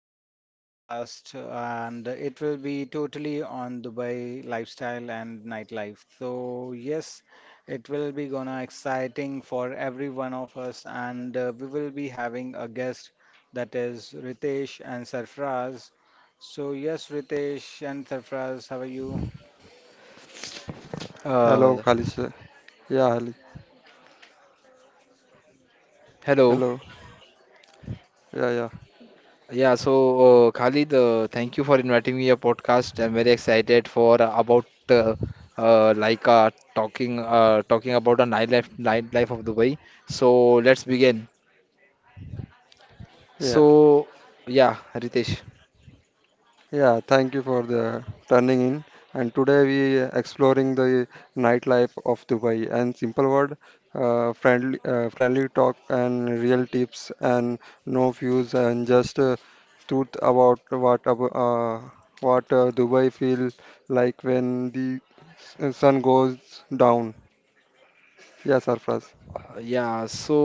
making a podcast, and it will be totally on Dubai lifestyle and nightlife. So, yes, it will be gonna exciting for every one of us, and we will be having a guest that is Ritesh and Sarfraz. So, yes, Ritesh and Sarfraz, how are you? Hello, Uh, Khalisa. Yeah, Hel- Hello. hello. Yeah, yeah, Yeah, so Khalid, thank you for inviting me a podcast. I'm very excited for about like talking about the nightlife of Dubai. So let's begin. yeah, So yeah, Ritesh. yeah. Thank you for the turning in. And today we exploring the nightlife of Dubai and simple word, friendly, friendly talk and real tips and no views and just truth about what ab- uh, what Dubai feel like when the sun goes down. Yeah, Sarfraz. Yeah, so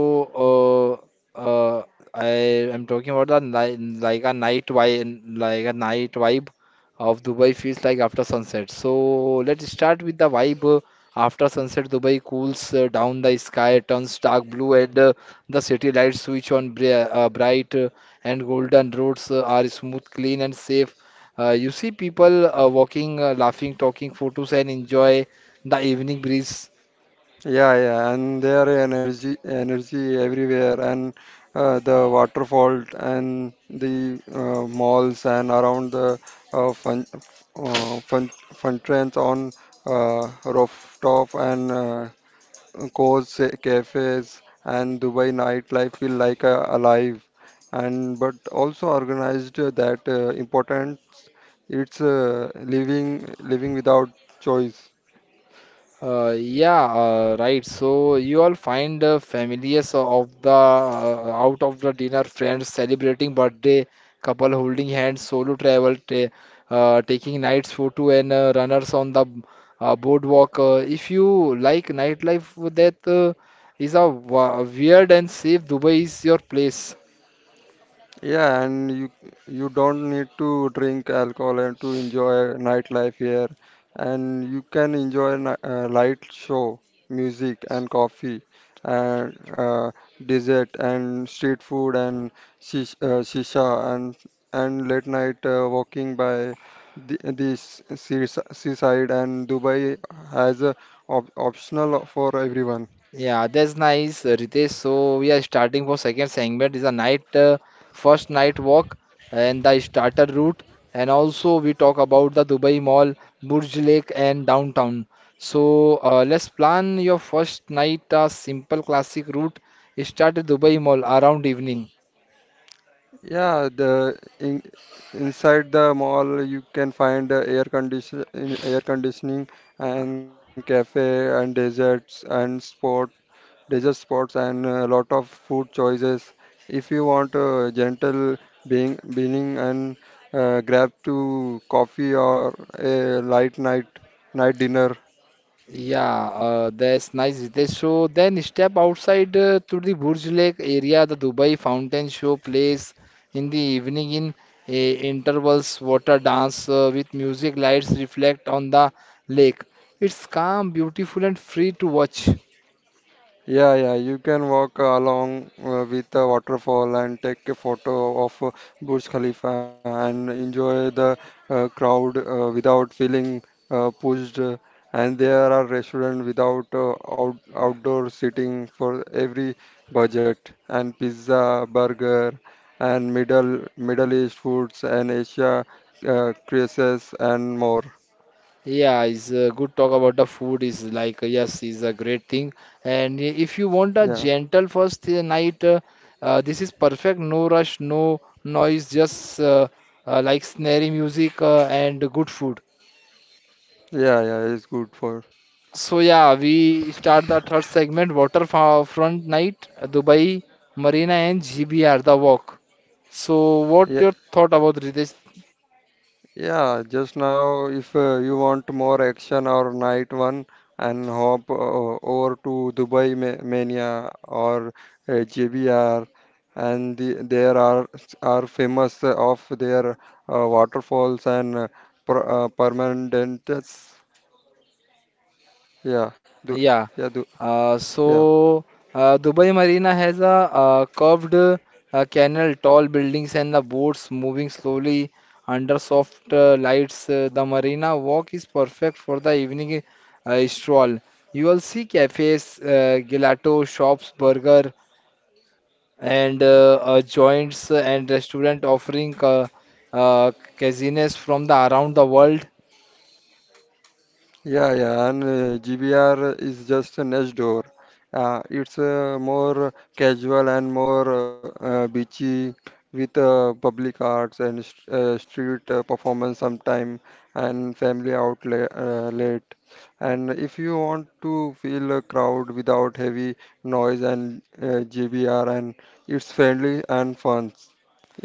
uh, uh, I am talking about the ni like a night vibe, like a night vibe of Dubai feels like after sunset. So let's start with the vibe after sunset. Dubai cools down, the sky turns dark blue, and the city lights switch on bright, and golden roads are smooth, clean, and safe. You see people walking, laughing, talking, photos, and enjoy the evening breeze. Yeah, yeah, and there energy everywhere, and the waterfall and the malls and around the uh, fun fun trends on rooftop and cozy cafes and Dubai nightlife feel like alive, and but also organized that important. It's living without choice. Yeah, right. So you all find families of the out of the dinner, friends celebrating birthday, couple holding hands, solo travel, ta taking nights photo and runners on the boardwalk. If you like nightlife, that is a weird and safe. Dubai is your place. Yeah, and you don't need to drink alcohol and to enjoy nightlife here, and you can enjoy light show, music and coffee, and dessert and street food and shisha and late night walking by this seaside and Dubai has a op optional for everyone. Yeah, that's nice, Ritesh. So we are starting for second segment is a night first night walk and the starter route, and also we talk about the Dubai Mall, Burj Lake, and downtown. So let's plan your first night a simple classic route. Start at Dubai Mall around evening. Yeah, inside the mall you can find air conditioning and cafe and deserts and sport desert spots and a lot of food choices. If you want a gentle being beginning and grab to coffee or a light night dinner. Yeah, that's nice, Ritesh. So then step outside to the Burj Lake area, the Dubai Fountain Show plays in the evening in intervals, water dance with music lights reflect on the lake. It's calm, beautiful, and free to watch. Yeah, yeah, you can walk along with the waterfall and take a photo of Burj Khalifa and enjoy the crowd without feeling pushed. And there are restaurants without out outdoor seating for every budget, and pizza, burger, and Middle East foods and Asia creases and more. Yeah, it's a good talk about the food is like yes, is a great thing. If you want a Yeah, gentle first this is perfect. No rush, no noise, just like snare music and good food. yeah, yeah, it's good for. So yeah, we start the third segment, waterfront night, Dubai, Marina and GBR, the walk. So what Yeah. your thought about Ritesh? Yeah, just now, if you want more action or night one, and hop over to Dubai Mania or JBR, and there are famous of their waterfalls and permanentes. Yeah, du Yeah. yeah, du Uh, yeah. so Dubai Marina has a curved canal, tall buildings, and the boats moving slowly under soft lights. The marina walk is perfect for the evening stroll. You will see cafes, gelato shops, burger, and joints and restaurant offering uh, cuisines from the around the world. Yeah, yeah, and GBR is just next door. It's more casual and more beachy with public arts and st street performance sometime and family outlet late. And if you want to feel a crowd without heavy noise and GBR and it's friendly and fun,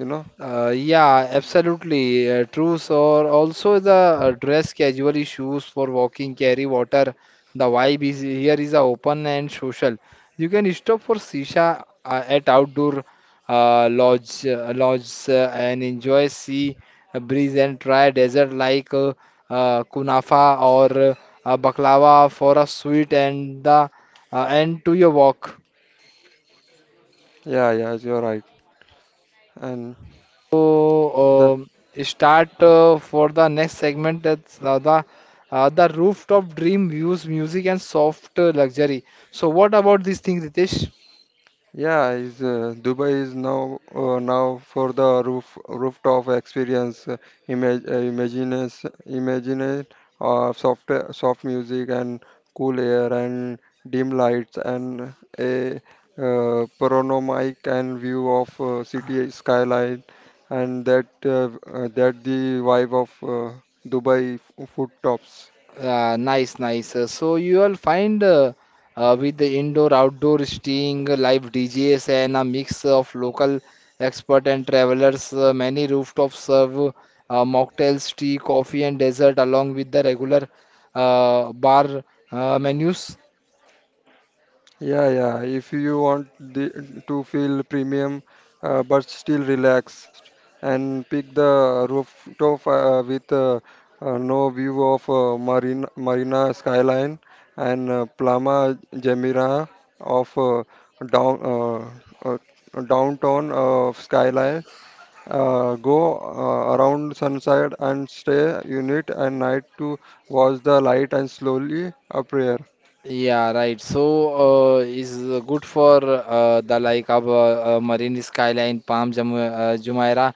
you know? Yeah, absolutely true. So also the dress casually shoes for walking, carry water. The vibe is here is a open and social. You can stop for shisha at outdoor lodge and enjoy sea breeze and try dessert like kunafa or baklava for a sweet and the end to your walk. Yeah, yeah, you're right. And the So, um, start for the next segment. That's the rooftop dream views, music and soft luxury. So, what about these things, Ritesh? yeah, is Dubai is now for the rooftop experience, image imagines imagine of soft music and cool air and dim lights and a panoramic and view of city skyline and that the vibe of Dubai food tops. Nice, nice. So, you will find with the indoor outdoor staying, live DJs, and a mix of local expert and travelers. Many rooftops serve mocktails, tea, coffee, and dessert along with the regular bar menus. Yeah, yeah. If you want to feel premium but still relaxed, and pick the rooftop with no view of Marina skyline and Plama Gemira of downtown of skyline. Go around sunset and stay unit and night to watch the light and slowly appear. Yeah, right. So, is good for the like of Marine Skyline, Palm Jum Jumeirah.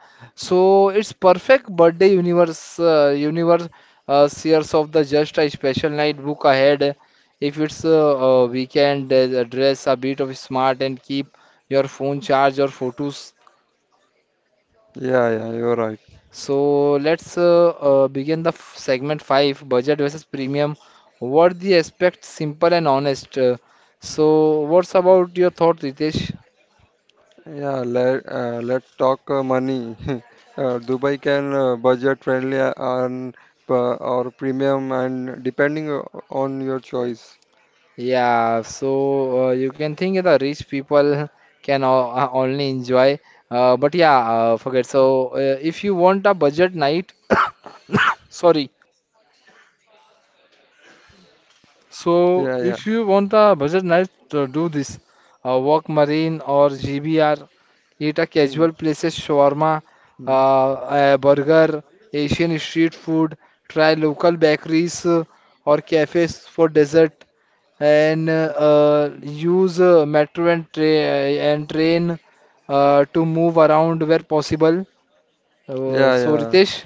So it's perfect birthday universe shares of the just a special night book ahead. If it's weekend, dress a bit of smart and keep your phone charged or photos. Yeah, yeah. You're right. So let's begin the segment 5 budget versus premium. What the aspect simple and honest. So what's about your thought, Ritesh? Let's talk money. Dubai can budget friendly and or premium and depending on your choice. Yeah, so you can think the rich people can only enjoy, but yeah, forget. So if you want a budget night, sorry, so Yeah, if yeah. you want a budget night, do this. Walk Marine or GBR. Eat a casual Hmm, places shawarma, hmm. A burger, Asian street food. Try local bakeries or cafes for dessert. And use metro and, and train to move around where possible. Yeah, So yeah, Ritesh.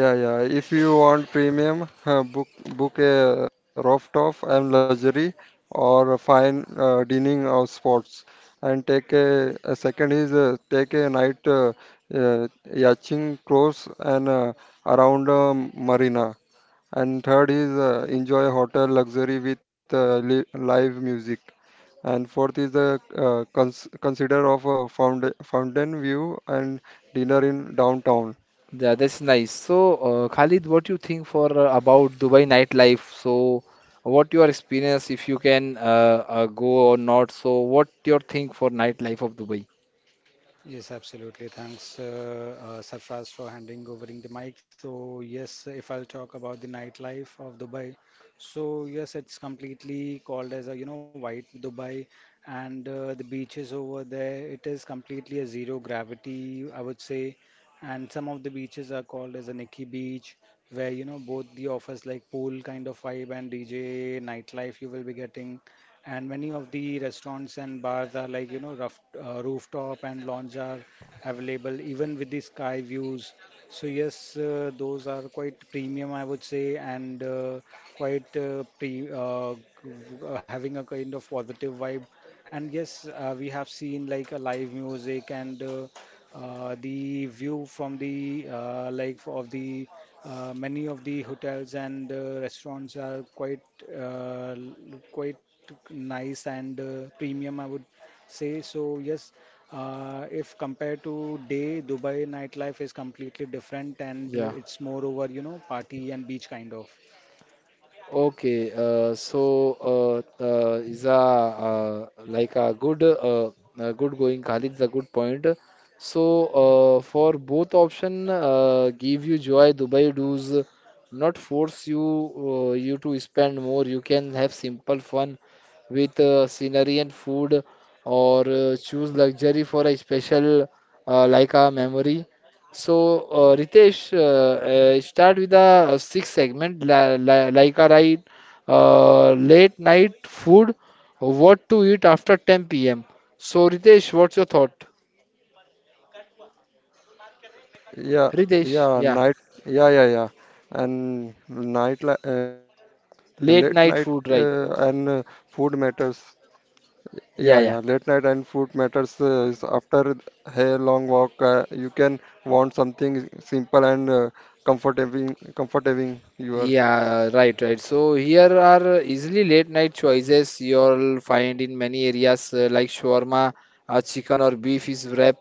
yeah, yeah, If you want premium, book a rooftop and luxury or a fine dining or sports, and a second is take a night uh, yachting course and around marina. And third is enjoy hotel luxury with li live music. And fourth is the consider of a found fountain view and dinner in downtown. Yeah, that's nice. So, Khalid, what you think for about Dubai nightlife? So, what your experience if you can go or not? So, what your think for nightlife of Dubai? Yes, absolutely. Thanks, Sarfraz, for handing over the mic. So, yes, if I'll talk about the nightlife of Dubai, so yes, it's completely called as a you know white Dubai, and the beaches over there, it is completely a zero gravity, I would say, and some of the beaches are called as a Nikki Beach, where you know both the offers like pool kind of vibe and DJ nightlife you will be getting, and many of the restaurants and bars are like you know rooftop and lounge are available even with the sky views. So yes, those are quite premium, I would say, and quite uh, pre uh, g- having a kind of positive vibe. And yes, we have seen like a live music, and the view from the like of the many of the hotels and restaurants are uh, l- quite nice and premium, I would say. So yes, if compared to day, Dubai nightlife is completely different, and it's more over, you know, party and beach kind of. Okay, so is a like a good good going, Khalid is a good point. So for both option, give you joy. Dubai does not force you to spend more. You can have simple fun with scenery and food, or choose luxury for a special like a memory. So, Ritesh, start with the sixth segment, la la like a ride, late night food, what to eat after 10 p.m. So, Ritesh, what's your thought? Yeah, Ritesh, yeah, yeah, night, yeah, yeah, yeah. And night, late night late night and food, right? food matters. Yeah, yeah, late night Yeah, and yeah. food matters is after a long walk. You can want something simple and comforting your. Yeah, right, right. So here are easily late night choices you'll find in many areas like shawarma, chicken or beef is wrap,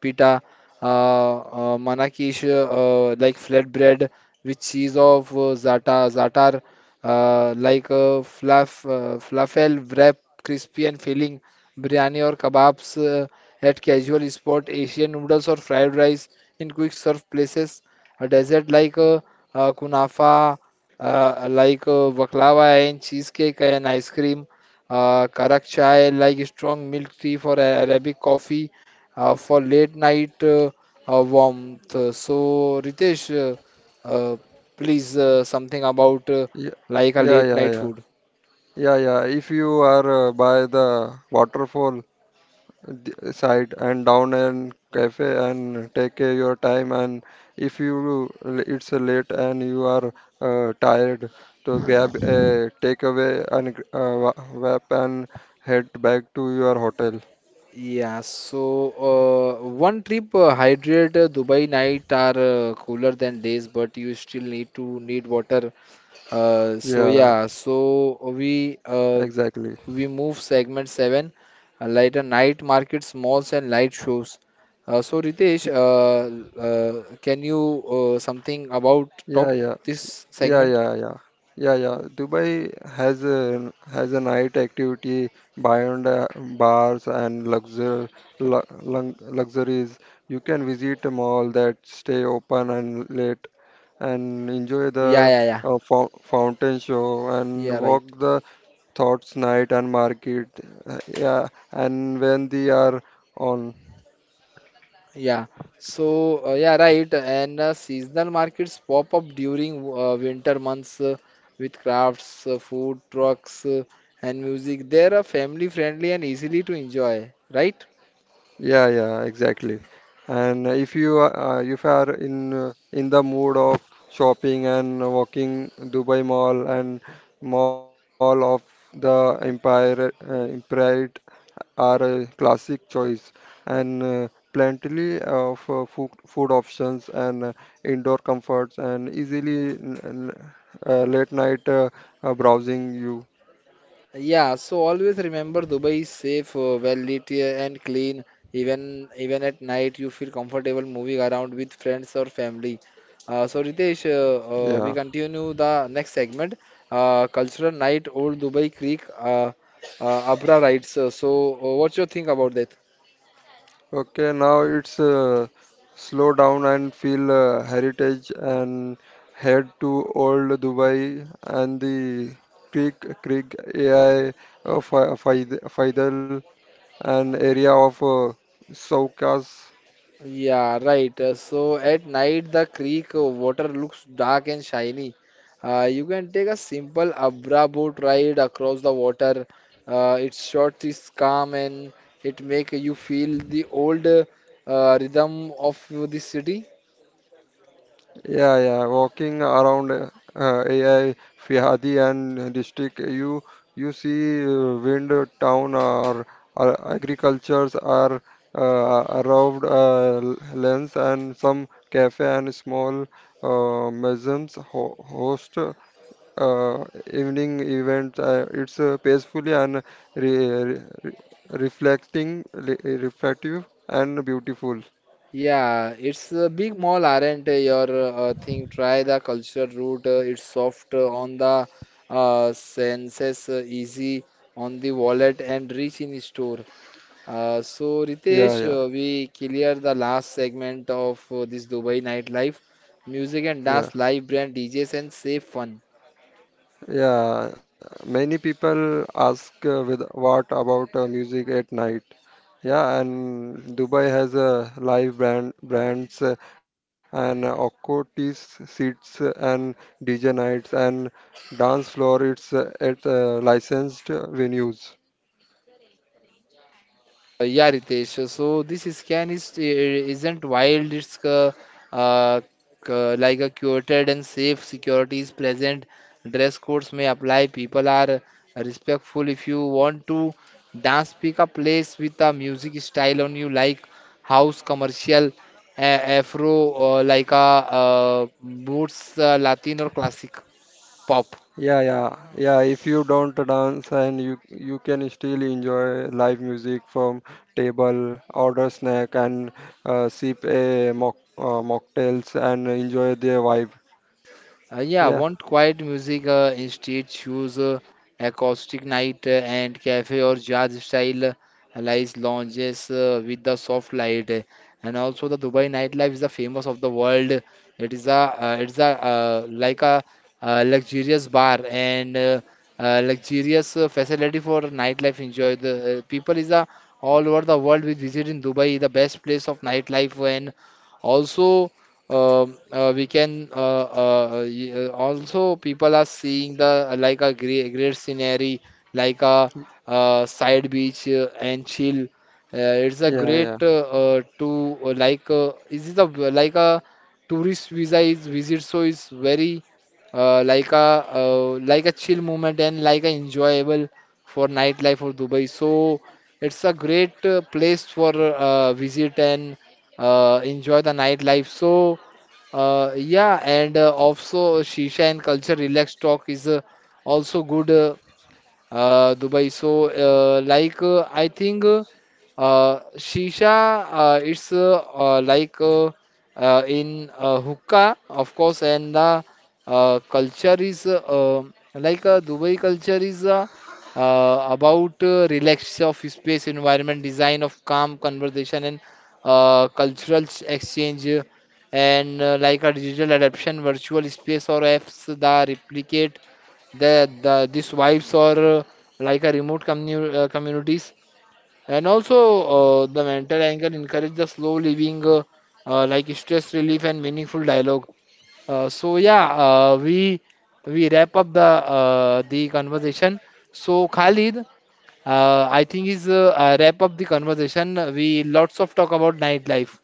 pita, manakish, like flatbread with cheese of zatar, falafel wrap, crispy and filling, biryani or kebabs at casual spot, Asian noodles or fried rice in quick serve places. A dessert like kunafa, baklava and cheesecake and ice cream, karak chai like strong milk tea for Arabic coffee, for late night warmth. So Ritesh, uh, uh, please something about Yeah, like a yeah, late yeah, night yeah, food. Yeah. If you are by the waterfall side and down and cafe and take your time, and if you it's late and you are tired, to grab a takeaway and wrap and head back to your hotel. Yeah, so one trip hydrate Dubai night are cooler than days, but you still need to need water. Uh, so Yeah, yeah, so we uh, exactly. we move segment seven, like night markets, malls and light shows. Uh, so Ritesh, Y- uh, uh, can you something about talk Yeah, yeah. this Yeah, segment? yeah, yeah, yeah. Dubai has a night activity beyond bars and luxuries. You can visit a mall that stay open and late and enjoy Yeah, the yeah, yeah, fountain show yeah, and right. walk the thoughts night and market. Yeah, and when they are on. Yeah. So yeah, right. And seasonal markets pop up during winter months with crafts, food trucks, and music. They are family friendly and easily to enjoy, right? Yeah, yeah, exactly. And if you are in the mood of shopping and walking Dubai Mall and Mall of the Empire, Empire are a classic choice and plenty of food options and indoor comforts and easily late night browsing you. Yeah, so always remember Dubai is safe, well-lit, and clean. Even at night, you feel comfortable moving around with friends or family. So Ritesh, Yeah. we continue the next segment, cultural night, old Dubai Creek, Abra rides. So, what's your think about that? Okay, now it's slow down and feel heritage and head to old Dubai and the Creek AI Faidal and area of Soukas. Yeah, right. So at night, the creek water looks dark and shiny. You can take a simple Abra boat ride across the water. Its short is calm and it make you feel the old rhythm of the city. Yeah, yeah. Walking around AI Fihadi and district, you see wind town or, or agricultures are around lands and some cafe and small museums ho host uh, evening events. It's peacefully and re re re- reflecting, re reflective and beautiful. Yeah, it's a big mall, aren't your thing. Try the culture route. It's soft on the senses, easy on the wallet, and rich in store. Uh, so Yeah, Ritesh, yeah, uh, we clear the last segment of this Dubai nightlife, music and yeah. dance, live brand, DJs and safe fun. Yeah, many people ask with what about music at night? Yeah, and Dubai has uh, live brands and occultist seats and DJ nights and dance floor. It's at licensed venues. Yeah, Ritesh. So this scan is isn't wild. It's uh, like a curated and safe. Security is present. Dress codes may apply. People are respectful. If you want to dance, pick a place with a music style on you, like house, commercial, afro, like a boots, Latin or classic pop. Yeah. If you don't dance and you can still enjoy live music from table, order snack and sip a mocktails and enjoy the vibe. Yeah, Yeah, want quiet music, instead choose acoustic night and cafe or jazz style lies lounges with the soft light. And also the Dubai nightlife is the famous of the world. It is a it's a like a luxurious bar and luxurious facility for nightlife enjoy. The people is a all over the world we visit in Dubai the best place of nightlife and also we can y- also people are seeing the like a great, great scenery like a side beach and chill. It's a yeah, great yeah, to like is it a like a tourist visa is visit so it's very uh, like a like a chill moment and like a enjoyable for nightlife for Dubai so it's a great place for visit and enjoy the nightlife. So, yeah, and also shisha and culture relax talk is also good. Dubai. So, I think shisha, it's like in hookah, of course, and the culture is Dubai culture is about relax of space, environment, design of calm conversation, and cultural exchange. And like a digital adaptation, virtual space or apps that replicate these vibes are like a remote communities and also the mental angle encourage the slow living like stress relief and meaningful dialogue. So yeah, we wrap up the conversation. So Khalid, I think is wrap up the conversation we lots of talk about nightlife.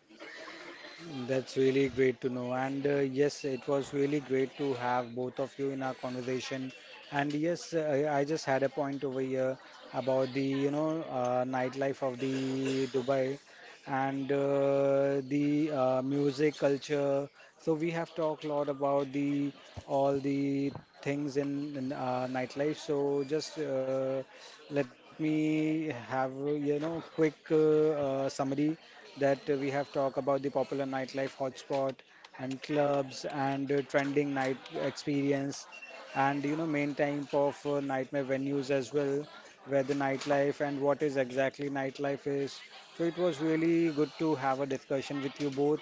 That's really great to know. And yes, it was really great to have both of you in our conversation. And yes, I just had a point over here about the, you know, nightlife of the Dubai, and the music culture. So we have talked a lot about the all the things in, nightlife. So just let me have, you know, quick summary that we have talked about the popular nightlife hotspot and clubs, and trending night experience, and you know main type of nightmare venues as well, where the nightlife and what is exactly nightlife is. So it was really good to have a discussion with you both,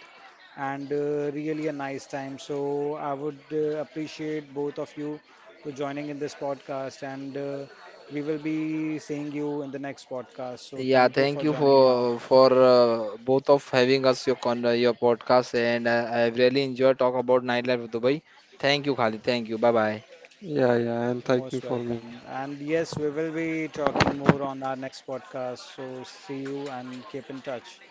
and really a nice time. So I would appreciate both of you to joining in this podcast, and we will be seeing you in the next podcast. So Yeah, thank you for thank you for joining now. Both of having us your con your podcast and I've really enjoyed talk about nightlife of Dubai. Thank you, Khalid. Thank you. Bye bye. Yeah. And You're thank you most for me. welcome. And yes, we will be talking more on our next podcast. So see you and keep in touch.